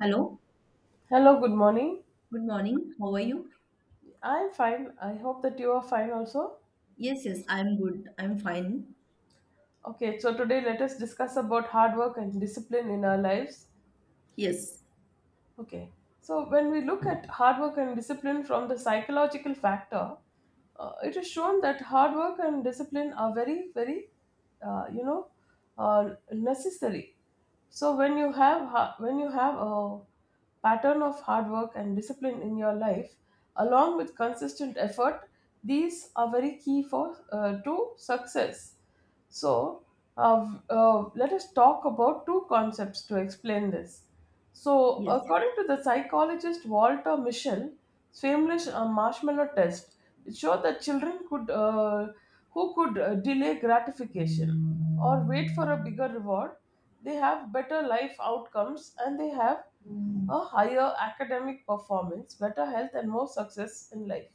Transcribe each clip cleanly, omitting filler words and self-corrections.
Hello, Hello, good morning. good morning. How are you? I'm fine. I hope that you are fine also. Yes, yes, I'm good. I'm fine. Okay, so today let us discuss about hard work and discipline in our lives. Yes, Okay, so when we look at hard work and discipline from the psychological factor, it is shown that hard work and discipline are very very uh, you know necessary. So when you have when you have a pattern of hard work and discipline in your life, along with consistent effort, these are very key for to success. So let us talk about two concepts to explain this. So yes, according to the psychologist Walter Mischel, famous marshmallow test, it showed that children could who could delay gratification or wait for a bigger reward, they have better life outcomes, and they have a higher academic performance, better health, and more success in life.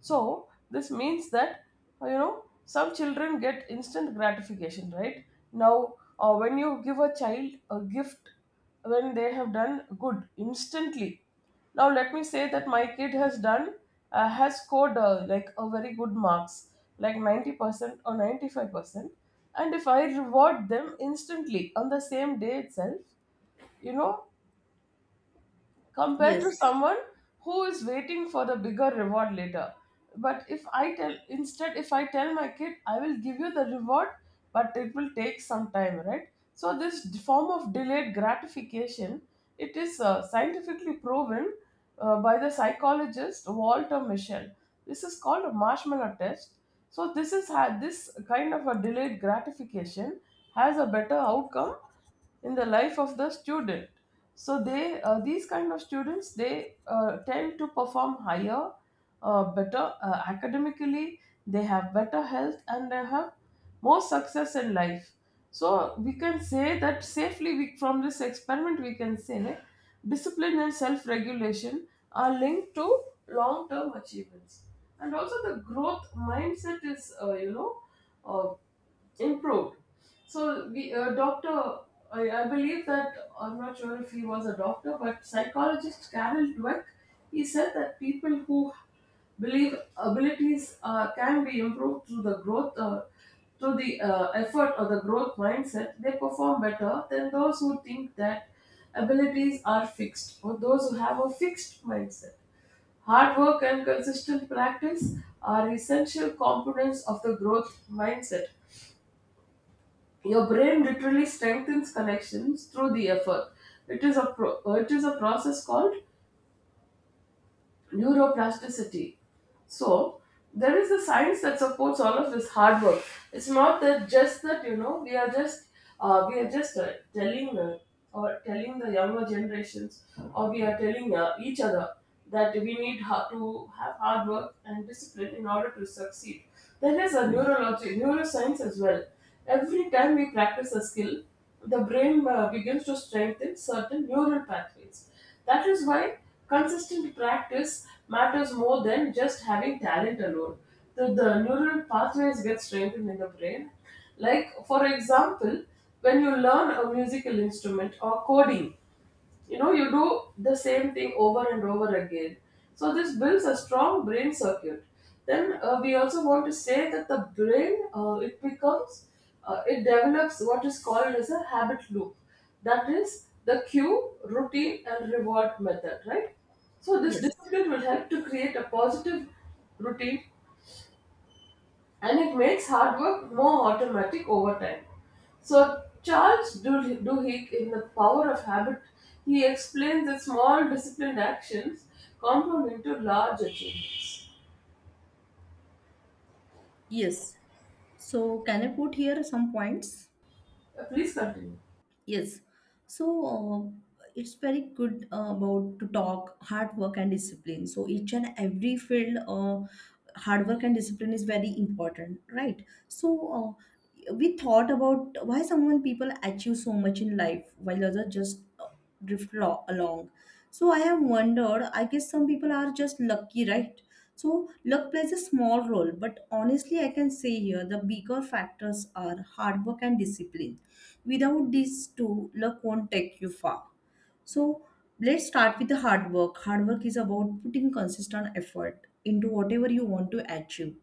So this means that some children get instant gratification, right? Now, when you give a child a gift when they have done good instantly, now let me say that my kid has done has scored like a very good marks, like 90% or 95%, and if I reward them instantly on the same day itself, you know, compared to yes, someone who is waiting for the bigger reward later. But if I tell, instead, if I tell my kid, I will give you the reward, but it will take some time, right? So, this form of delayed gratification, it is scientifically proven by the psychologist Walter Mischel. This is called a marshmallow test. So, this is had this kind of a delayed gratification, has a better outcome in the life of the student. So they these kind of students, they tend to perform higher, better academically. They have better health, and they have more success in life. So we can say that safely we, from this experiment we can say, discipline and self-regulation are linked to long-term achievements, and also the growth mindset is uh, improved. So we doctor, I believe that I'm not sure if he was a doctor, but psychologist Carol Dweck, he said that people who believe abilities can be improved through the growth, through the effort or the growth mindset, they perform better than those who think that abilities are fixed, or those who have a fixed mindset. Hard work and consistent practice are essential components of the growth mindset. Your brain literally strengthens connections through the effort. It is a it is a process called neuroplasticity. So there is a science that supports all of this hard work. It's not that just that, you know, we are just telling or telling the younger generations, or we are telling each other, that we need to have hard work and discipline in order to succeed. There is a neurology neuroscience as well. Every time we practice a skill, the brain begins to strengthen certain neural pathways. That is why consistent practice matters more than just having talent alone. The neural pathways get strengthened in the brain. Like, for example, when you learn a musical instrument or coding, you know, you do the same thing over and over again, so this builds a strong brain circuit. Then we also want to say that the brain it becomes it develops what is called as a habit loop, that is the cue, routine and reward method, right? So this yes, discipline will help to create a positive routine, and it makes hard work more automatic over time. So, Charles Duhigg, in The Power of Habit, he explains that small disciplined actions compound into large achievements. yes. So, can I put here some points? Please continue. Yes. So it's very good about to talk hard work and discipline. So each and every field, hard work and discipline is very important, right? So we thought about why someone people achieve so much in life while others just along. So I have wondered. I guess some people are just lucky, right? So luck plays a small role, but honestly, I can say here the bigger factors are hard work and discipline. Without these two, luck won't take you far. So let's start with the hard work. Hard work is about putting consistent effort into whatever you want to achieve.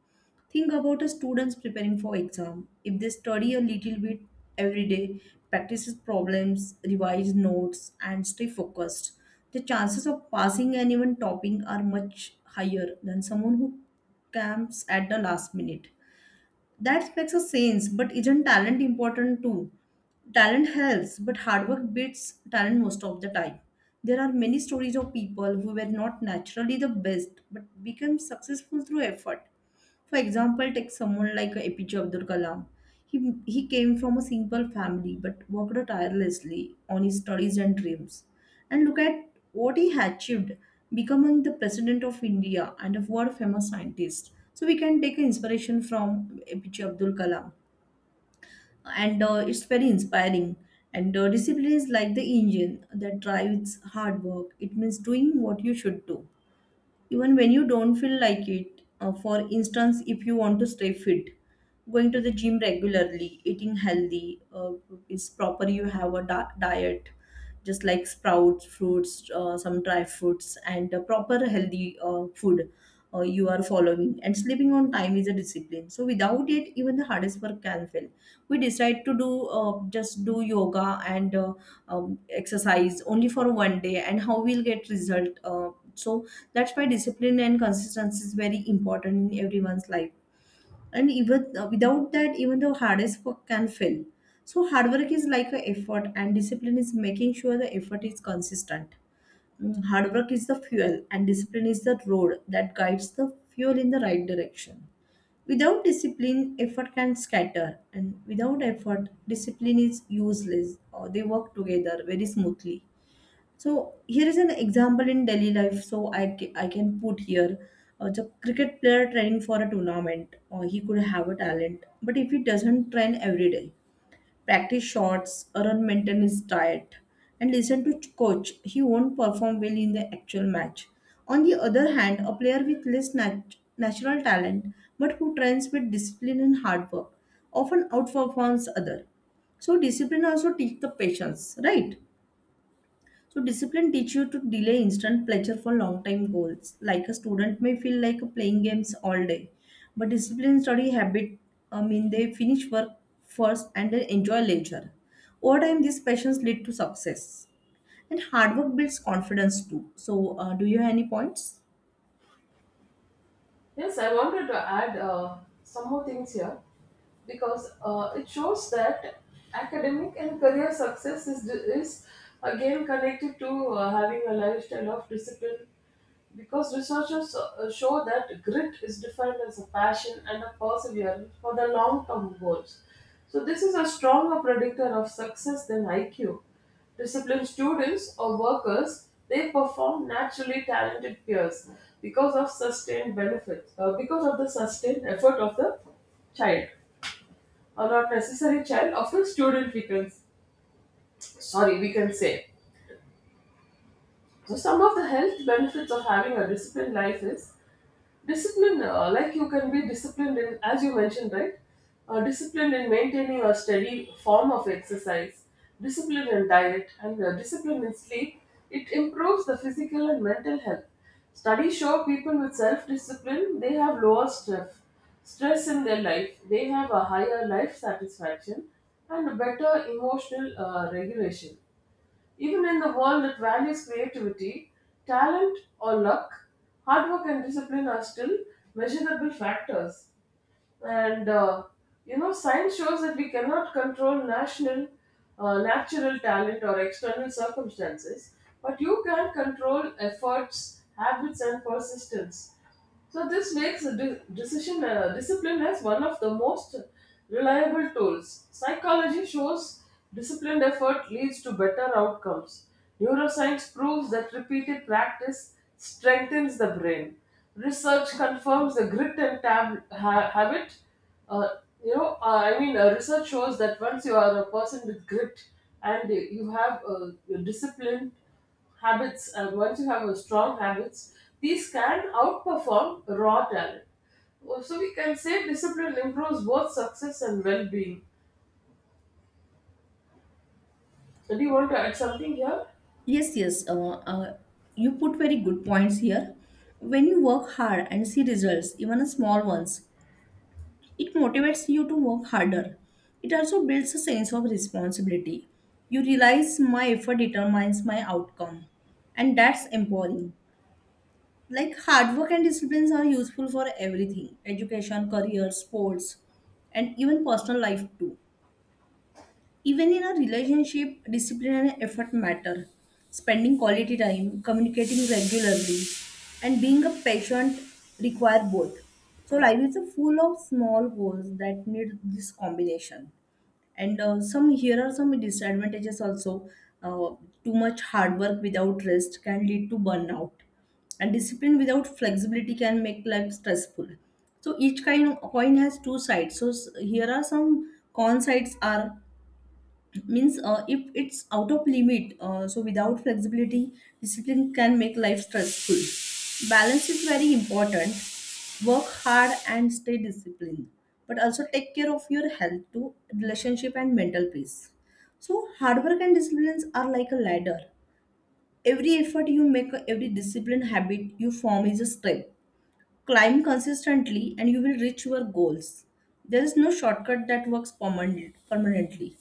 Think about a students preparing for exam. If they study a little bit every day, practices problems, revise notes, and stay focused, the chances of passing and even topping are much higher than someone who camps at the last minute. That makes a sense, but isn't talent important too? Talent helps, but hard work beats talent most of the time. There are many stories of people who were not naturally the best but became successful through effort. For example, take someone like APJ Abdul Kalam. He came from a simple family but worked tirelessly on his studies and dreams. And look at what he achieved, becoming the president of India and a world famous scientist. So we can take inspiration from APJ Abdul Kalam. And it's very inspiring. And discipline is like the engine that drives hard work. It means doing what you should do even when you don't feel like it. For instance, if you want to stay fit, going to the gym regularly, eating healthy, is proper. You have a diet just like sprouts, fruits, some dry fruits, and a proper healthy food you are following. And sleeping on time is a discipline. So without it, even the hardest work can fail. We decide to do just do yoga and exercise only for 1 day, and how we'll get result. So that's why discipline and consistency is very important in everyone's life, and even without that, even the hardest work can fail. So hard work is like an effort and discipline is making sure the effort is consistent. Hard work is the fuel and discipline is the road that guides the fuel in the right direction. Without discipline, effort can scatter, and without effort, discipline is useless, or they work together very smoothly. So here is an example in Delhi life. So I can put here the cricket player training for a tournament, or he could have a talent, but if he doesn't train every day, practice shots, or on maintain his diet, and listen to coach, he won't perform well in the actual match. On the other hand, a player with less natural talent, but who trains with discipline and hard work, often outperforms other. So discipline also teach the patience, right? So discipline teach you to delay instant pleasure for long time goals. Like a student may feel like playing games all day, but discipline study habit, I mean, they finish work first and then enjoy leisure. Over time, these passions lead to success, and hard work builds confidence too. So, do you have any points? Yes, I wanted to add some more things here, because it shows that academic and career success is again connected to having a lifestyle of discipline. Because researchers show that grit is defined as a passion and a perseverance for the long term goals. So, this is a stronger predictor of success than IQ. Disciplined students or workers, they perform naturally talented peers, because of sustained benefits, because of the sustained effort of the child, or not necessary child of the student we can, sorry, we can say. So some of the health benefits of having a disciplined life is discipline, like you can be disciplined in, as you mentioned, right? Disciplined in maintaining a steady form of exercise, discipline in diet, and discipline in sleep. It improves the physical and mental health. Studies show people with self-discipline, they have lower stress stress in their life, they have a higher life satisfaction, and better emotional regulation. Even in the world that values creativity, talent, or luck, hard work and discipline are still measurable factors. And you know, science shows that we cannot control natural talent or external circumstances, but you can control efforts, habits, and persistence. So this makes a de- decision discipline as one of the most reliable tools. Psychology shows disciplined effort leads to better outcomes. Neuroscience proves that repeated practice strengthens the brain. Research confirms the grit and habit. Uh, research shows that once you are a person with grit, and you have disciplined habits, and once you have a strong habits, these can outperform raw talent. Oh, so we can say discipline improves both success and well-being. So do you want to add something here? Yes, yes. You put very good points here. When you work hard and see results, even a small ones, it motivates you to work harder. It also builds a sense of responsibility. You realize my effort determines my outcome, and that's empowering. Like hard work and disciplines are useful for everything education, career, sports, and even personal life too. Even in a relationship, discipline and effort matter. Spending quality time, communicating regularly, and being a patient require both. So life is full of small goals that need this combination. And some here are some disadvantages also. Uh, Too much hard work without rest can lead to burnout, and discipline without flexibility can make life stressful. So each kind of coin has two sides. So here are some con sides are, means if it's out of limit, so without flexibility, discipline can make life stressful. Balance is very important. Work hard and stay disciplined, but also take care of your health too, relationship and mental peace. So hard work and disciplines are like a ladder. Every effort you make, every discipline habit you form is a step. Climb consistently and you will reach your goals. There is no shortcut that works permanently.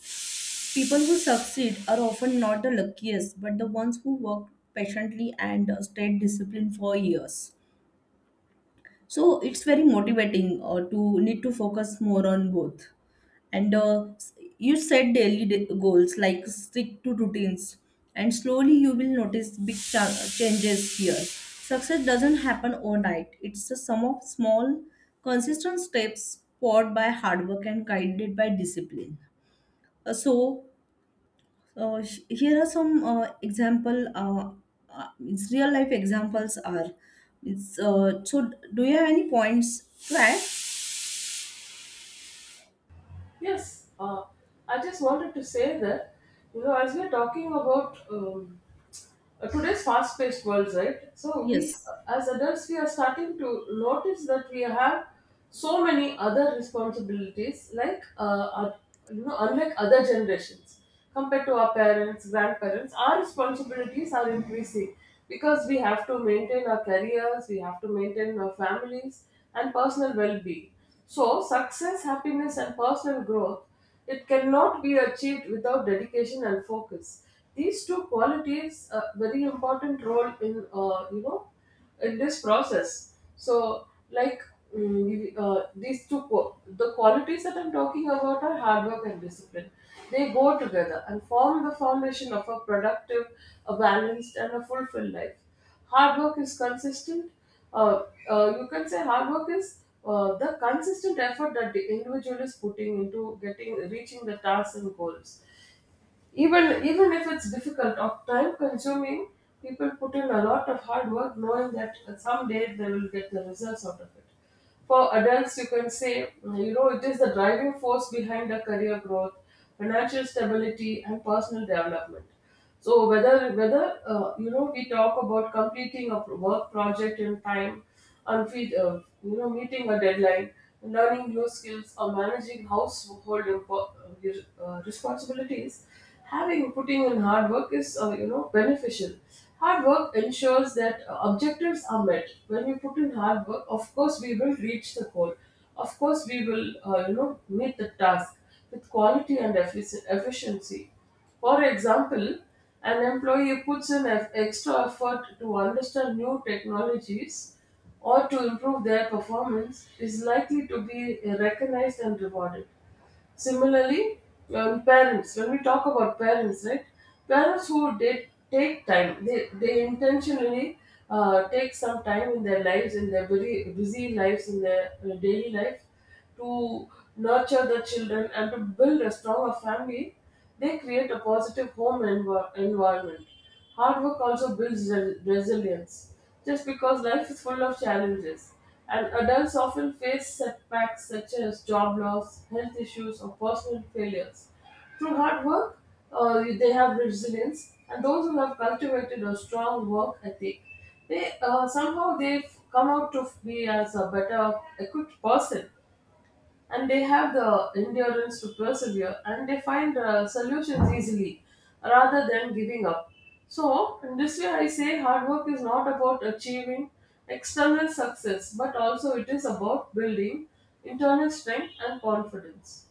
People who succeed are often not the luckiest, but the ones who work patiently and stayed disciplined for years. So it's very motivating to need to focus more on both. And you set daily goals like stick to routines, and slowly you will notice big changes here. Success doesn't happen overnight. It's a sum of small, consistent steps poured by hard work and guided by discipline. So here are some example. It's real life examples are. It's so. Do you have any points to add? Yes, I just wanted to say that, you know, as we're talking about today's fast-paced world, right? Yes. As adults, we are starting to notice that we have so many other responsibilities, like you know, unlike other generations, compared to our parents, grandparents, our responsibilities are increasing, because we have to maintain our careers, we have to maintain our families and personal well-being. So success, happiness, and personal growth, it cannot be achieved without dedication and focus. These two qualities a very important role in in this process. So like these two qu- the qualities that I'm talking about are hard work and discipline. They go together and form the foundation of a productive, a balanced, and a fulfilled life. Hard work is consistent. uh, you can say hard work is the consistent effort that the individual is putting into getting reaching the tasks and goals, even even if it's difficult or time consuming. People put in a lot of hard work, knowing that someday they will get the results out of it. For adults, you can say, you know, it is the driving force behind the career growth, financial stability, and personal development. So whether you know, we talk about completing a work project in time, and feed, you know, meeting a deadline, learning new skills, or managing household responsibilities, having putting in hard work is you know, beneficial. Hard work ensures that objectives are met. When we put in hard work, of course we will reach the goal. Of course we will you know, meet the task with quality and efficiency. For example, an employee puts in extra effort to understand new technologies, or to improve their performance, is likely to be recognized and rewarded. Similarly, parents, when we talk about parents, right? Parents who did take time, they intentionally take some time in their lives, in their very busy lives, in their daily life to nurture the children and to build a stronger family, they create a positive home environment. Hard work also builds resilience. Just because life is full of challenges, and adults often face setbacks such as job loss, health issues, or personal failures. Through hard work, they have resilience, and those who have cultivated a strong work ethic, they somehow they've come out to be as a better equipped person, and they have the endurance to persevere, and they find solutions easily rather than giving up. So, in this way, I say hard work is not about achieving external success, but also it is about building internal strength and confidence.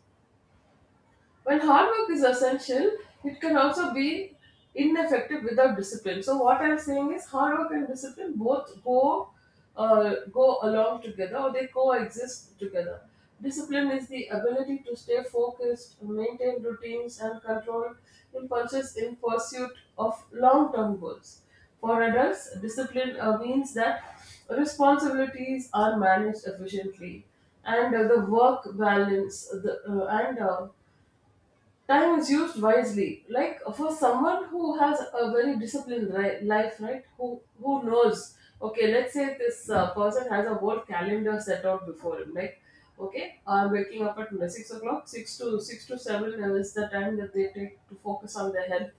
While hard work is essential, it can also be ineffective without discipline. So what I'm saying is hard work and discipline both go go along together, or they coexist together. Discipline is the ability to stay focused, maintain routines, and control impulses in pursuit of long-term goals. For adults, discipline means that responsibilities are managed efficiently and the work balance the, and time is used wisely, like for someone who has a very life, right, who knows. Okay, let's say this person has a whole calendar set out before him, like, okay, I'm waking up at 6 o'clock. 6 to 7 is the time that they take to focus on their health.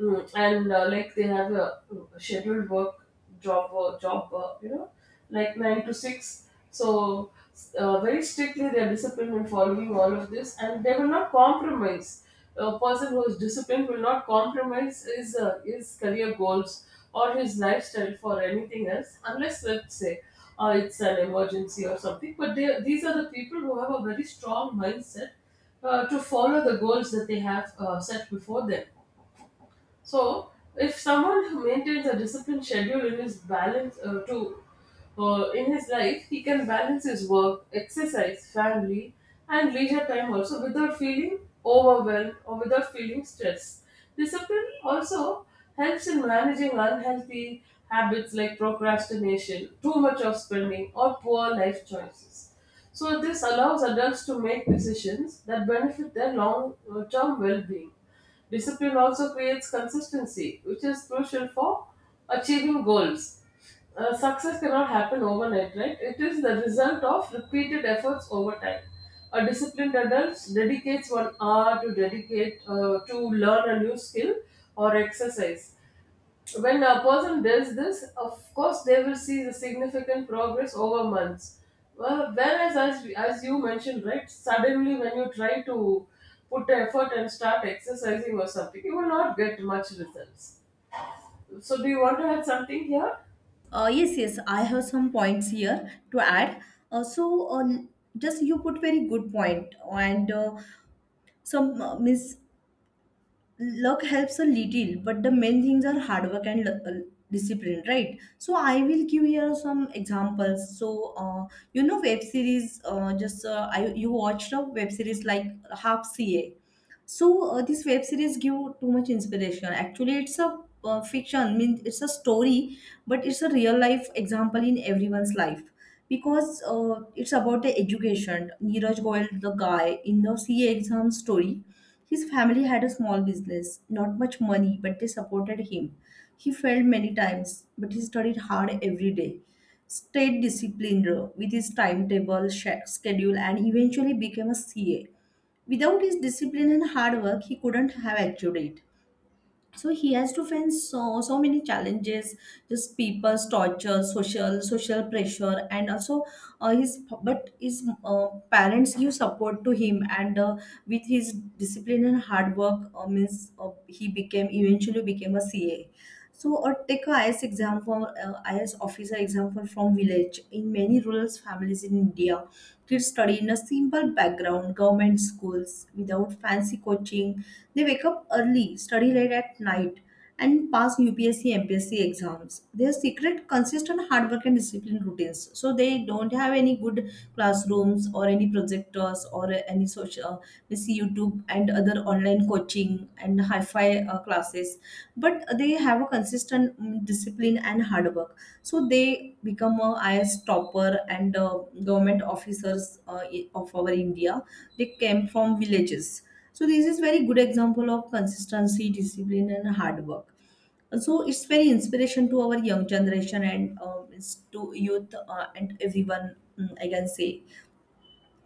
Mm, and like they have a scheduled job work, like 9 to 6. So very strictly they are disciplined in following all of this, and they will not compromise. A person who is disciplined will not compromise his career goals or his lifestyle for anything else, unless, let's say, it's an emergency or something. But these are the people who have a very strong mindset to follow the goals that they have set before them. So, if someone who maintains a disciplined schedule in his balance to in his life, he can balance his work, exercise, family, and leisure time also without feeling overwhelmed or without feeling stress. Discipline also helps in managing unhealthy habits like procrastination, too much of spending, or poor life choices. So, this allows adults to make decisions that benefit their long term well being. Discipline also creates consistency, which is crucial for achieving goals. Success cannot happen overnight, right? It is the result of repeated efforts over time. A disciplined adult dedicates 1 hour to dedicate to learn a new skill or exercise. When a person does this, of course, they will see the significant progress over months. Well, whereas, as you mentioned, right, suddenly when you try to put effort and start exercising or something, you will not get much results. So, do you want to add something here? Yes, yes. I have some points here to add. Uh, so, uh, just you put very good point, and some miss, luck helps a little, but the main things are hard work and discipline, right? So I will give here some examples. So you know, web series, just I, you watched a web series like half ca. So this web series give too much inspiration. Actually, it's a fiction. I mean, it's a story, but it's a real life example in everyone's life because it's about the education. Neeraj Goyal, the guy in the CA exam story, his family had a small business, not much money, but they supported him. He failed many times, but he studied hard every day. Stayed disciplined with his timetable, schedule, and eventually became a C A without his discipline and hard work, he couldn't have achieved it. So he has to face so many challenges, just people's torture, social pressure, and also his, but his parents give support to him, and with his discipline and hard work, means he became, eventually became a C. A. So take a I. S. IS exam for IS officer example from village in many rural families in India. Kids study in a simple background, government schools without fancy coaching. They wake up early, study late at night, and pass UPSC, MPSC exams. Their secret consists on hard work and disciplined routines. So they don't have any good classrooms or any projectors or any social, we see YouTube and other online coaching and hi-fi classes, but they have a consistent, discipline and hard work, so they become a is topper, and government officers of our india. They came from villages. So this is very good example of consistency, discipline and hard work. So it's very inspiration to our young generation, and it's to youth and everyone, I can say.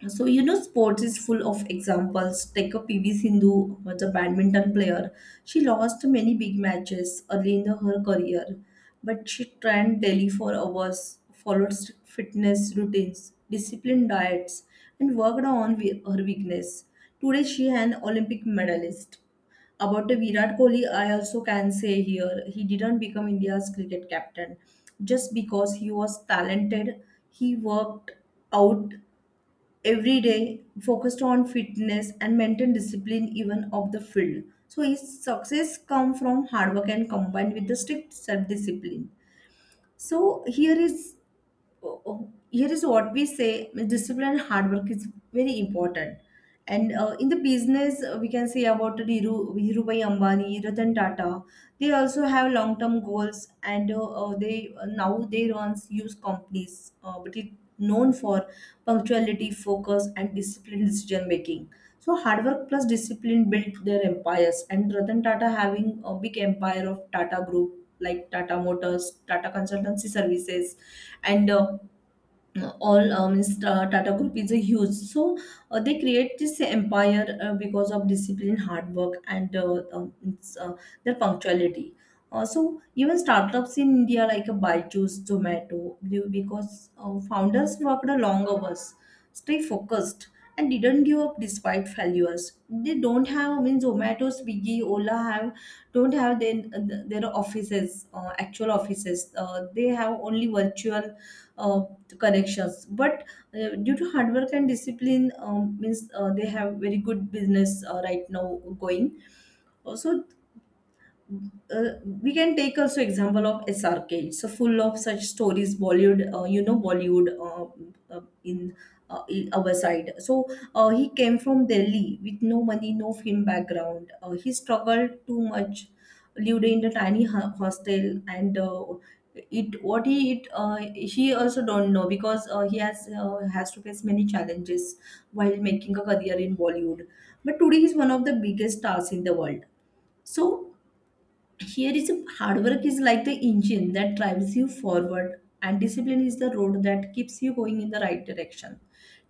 So, you know, sports is full of examples. Take a PV Sindhu, was a badminton player. She lost many big matches early in her career, but she trained daily for hours, followed strict fitness routines, disciplined diets, and worked on her weakness. Today, she an Olympic medalist. About the Virat Kohli, I also can say here, he didn't become India's cricket captain just because he was talented. He worked out every day, focused on fitness and maintain discipline even of the field. So his success come from hard work and combined with the strict self discipline. So here is, oh, oh, here is what we say, discipline and hard work is very important. And in the business, we can say about dhirubhai ambani, ratan tata. They also have long term goals, and they now they runs use companies, but it known for punctuality, focus, and disciplined decision making. So hard work plus discipline built their empires. And ratan tata having a big empire of tata group, like tata motors, tata consultancy services, and all, Tata Group is a huge. So they create this empire because of discipline, hard work, and it's, their punctuality. So even startups in India like a Byju's, Zomato, because founders worked a long hours, stay focused, and didn't give up despite failures. They don't have, I mean Zomato, Swiggy, Ola have don't have their offices, actual offices. They have only virtual uh, connections, but due to hard work and discipline, means they have very good business right now going. Also, uh, we can take also example of SRK. So full of such stories, Bollywood, Bollywood in our side. So he came from Delhi with no money, no film background. He struggled too much, lived in a tiny hostel, and it what he it he also don't know because he has to face many challenges while making a career in Bollywood. But today he's one of the biggest stars in the world. So here is hard work is like the engine that drives you forward, and discipline is the road that keeps you going in the right direction.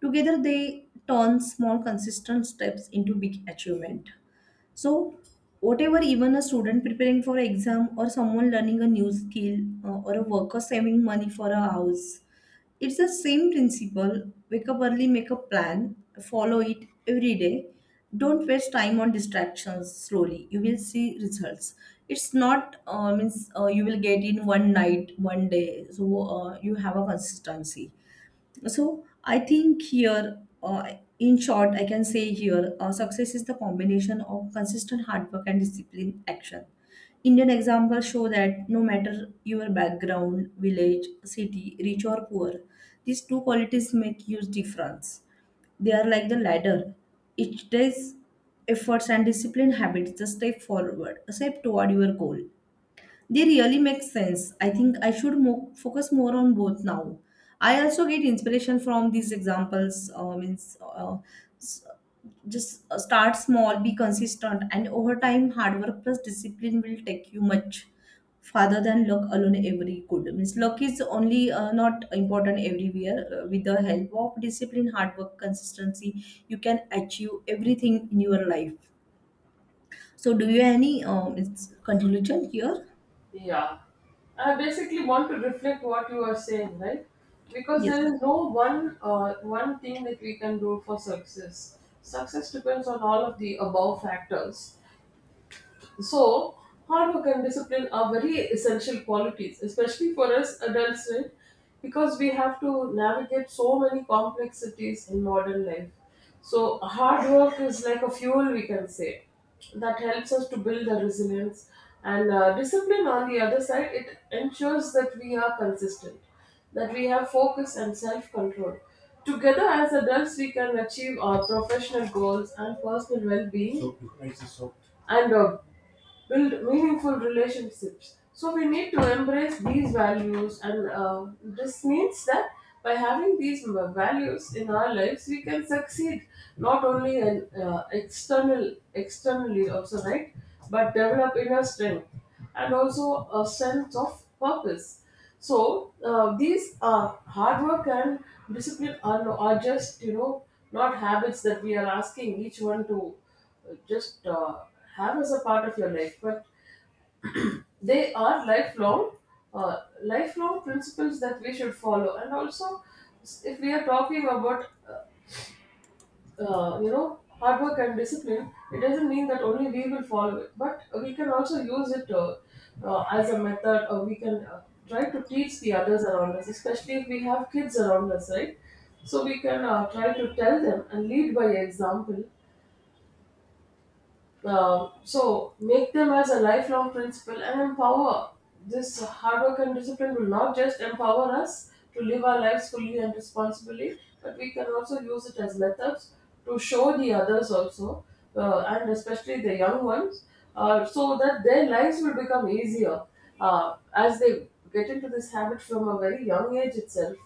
Together, they turn small, consistent steps into big achievement. So, whatever, even a student preparing for exam or someone learning a new skill, or a worker saving money for a house, it's the same principle. Wake up early, make a plan, follow it every day. Don't waste time on distractions slowly. You will see results. It's not means you will get in one night, one day. So you have a consistency. So I think here, in short, I can say here, success is the combination of consistent hard work and disciplined action. Indian examples show that no matter your background, village, city, rich or poor, these two qualities make huge difference. They are like the ladder. Each day's efforts and disciplined habits is a step forward, a step toward your goal. They really make sense. I think I should focus more on both now. I also get inspiration from these examples. Means s- just start small, be consistent, and over time, hard work plus discipline will take you much farther than luck alone every could. Means luck is only not important everywhere. With the help of discipline, hard work, consistency, you can achieve everything in your life. So, do you have any it's conclusion here? Yeah. I basically want to reflect what you are saying, right? Because there Yes. is no one thing that we can do for success. Success depends on all of the above factors. So, hard work and discipline are very essential qualities, especially for us adults, right? Because we have to navigate so many complexities in modern life. So, hard work is like a fuel, we can say, that helps us to build the resilience. And discipline, on the other side, it ensures that we are consistent, that we have focus and self control. Together, as adults, we can achieve our professional goals and personal well being and build meaningful relationships. So we need to embrace these values, and this means that by having these values in our lives, we can succeed not only in externally also, right, but develop inner strength and also a sense of purpose. So these hard work and discipline are, just, you know, not habits that we are asking each one to just have as a part of your life, but they are lifelong, uh, lifelong principles that we should follow. And also, if we are talking about, you know, hard work and discipline, it doesn't mean that only we will follow it, but we can also use it as a method, or we can try to teach the others around us, especially if we have kids around us, right? So we can try to tell them and lead by example. So make them as a lifelong principle and empower. This hard work and discipline will not just empower us to live our lives fully and responsibly, but we can also use it as methods to show the others also, and especially the young ones, so that their lives will become easier as they get into this habit from a very young age itself.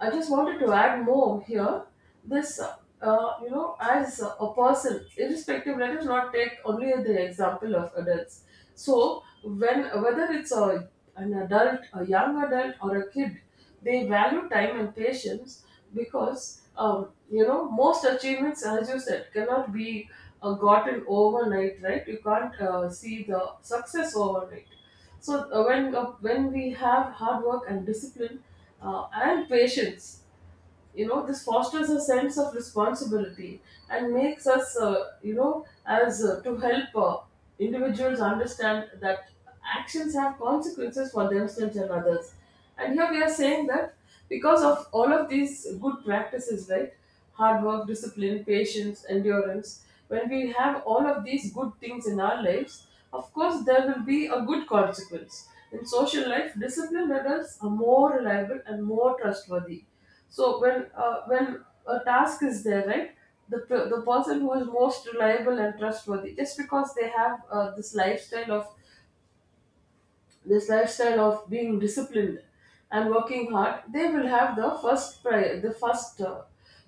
I just wanted to add more here. This, uh, you know, as a person, irrespective, let us not take only the example of adults. So, when whether it's an adult, a young adult, or a kid, they value time and patience because, you know, most achievements, as you said, cannot be gotten overnight, right? You can't see the success overnight. So when we have hard work and discipline and patience, you know, this fosters a sense of responsibility and makes us, you know, as to help individuals understand that actions have consequences for themselves and others. And here we are saying that because of all of these good practices, right, hard work, discipline, patience, endurance, when we have all of these good things in our lives, of course there will be a good consequence. In social life, disciplined adults are more reliable and more trustworthy. So when a task is there, right, the person who is most reliable and trustworthy, just because they have this lifestyle of being disciplined and working hard, they will have the first pri- the first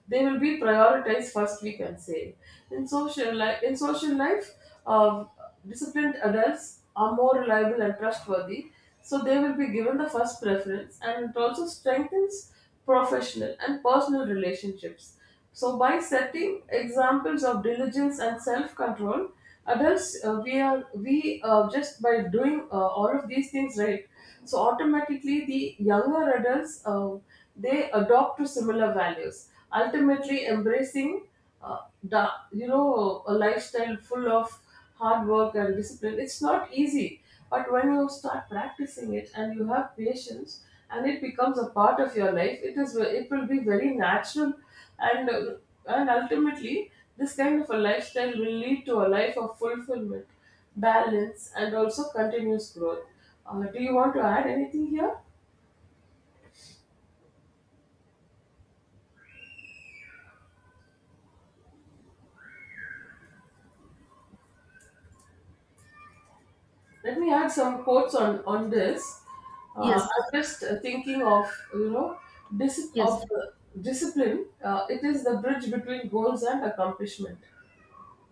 they will be prioritized first, we can say. In social life, uh, disciplined adults are more reliable and trustworthy, so they will be given the first preference, and it also strengthens professional and personal relationships. So, by setting examples of diligence and self-control, adults we are we just by doing all of these things, right. So automatically, the younger adults they adopt to similar values, ultimately embracing the you know, a lifestyle full of hard work and discipline. It's not easy, but when you start practicing it and you have patience, and it becomes a part of your life, it will be very natural, and uh, and ultimately this kind of a lifestyle will lead to a life of fulfillment, balance, and also continuous growth. Do you want to add anything here? Let me add some quotes on this. Yes. I'm just thinking of, you know, dis- of Yes, discipline. It is the bridge between goals and accomplishment.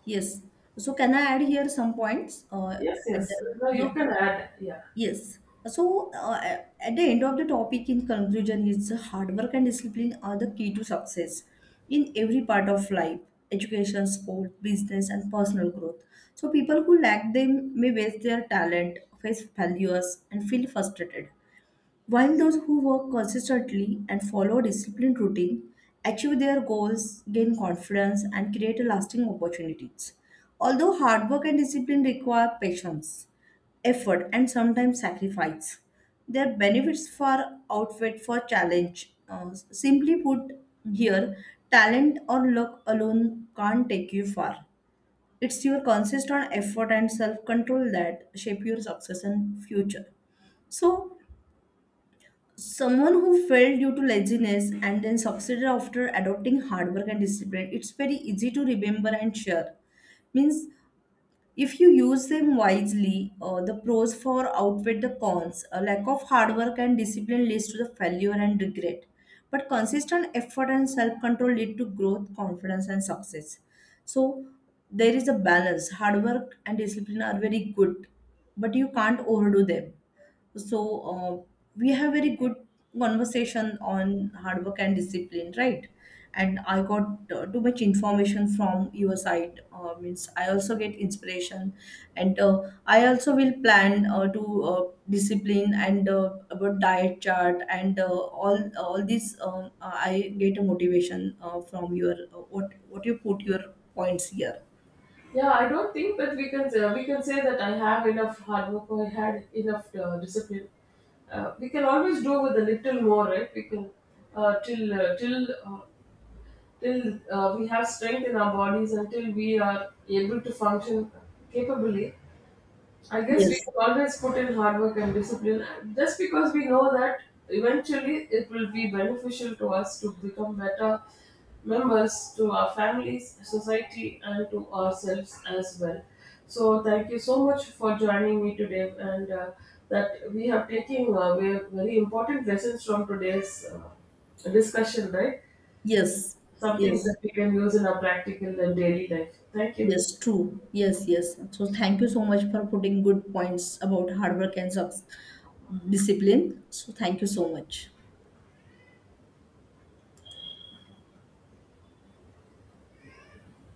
yes. So can I add here some points? Yes, And yes. No, yeah, you can add, yeah. yes. So at the end of the topic, in conclusion, is hard work and discipline are the key to success in every part of life, education, sport, business, and personal growth. So people who lack them may waste their talent, face failures, and feel frustrated. While those who work consistently and follow a disciplined routine achieve their goals, gain confidence, and create a lasting opportunities. Although hard work and discipline require patience, effort, and sometimes sacrifice, their benefits far outweigh for challenge. Simply put, here talent or luck alone can't take you far. It's your consistent effort and self-control that shape your success and future. So, someone who failed due to laziness and then succeeded after adopting hard work and discipline, it's very easy to remember and share. Means if you use them wisely, the pros far outweigh the cons. A lack of hard work and discipline leads to the failure and regret, but consistent effort and self-control lead to growth, confidence, and success. So there is a balance. Hard work and discipline are very good, but you can't overdo them. So, we have very good conversation on hard work and discipline, right? And I got too much information from your side. Means I also get inspiration, and I also will plan to discipline and about diet chart and all this. I get a motivation from your what you put your points here. Yeah, I don't think that we can say that I have enough hard work or I had enough discipline. We can always do with a little more, right? We can uh, till uh, till uh, till we have strength in our bodies, until we are able to function capably. I guess we Yes, can always put in hard work and discipline just because we know that eventually it will be beneficial to us to become better members to our families, society, and to ourselves as well. So, thank you so much for joining me today, and that we have taken we have very important lessons from today's discussion, right? yes, Some things yes. that we can use in our practical and daily life. Thank you. Yes, true. Yes, yes. So thank you so much for putting good points about hard work and discipline. So thank you so much.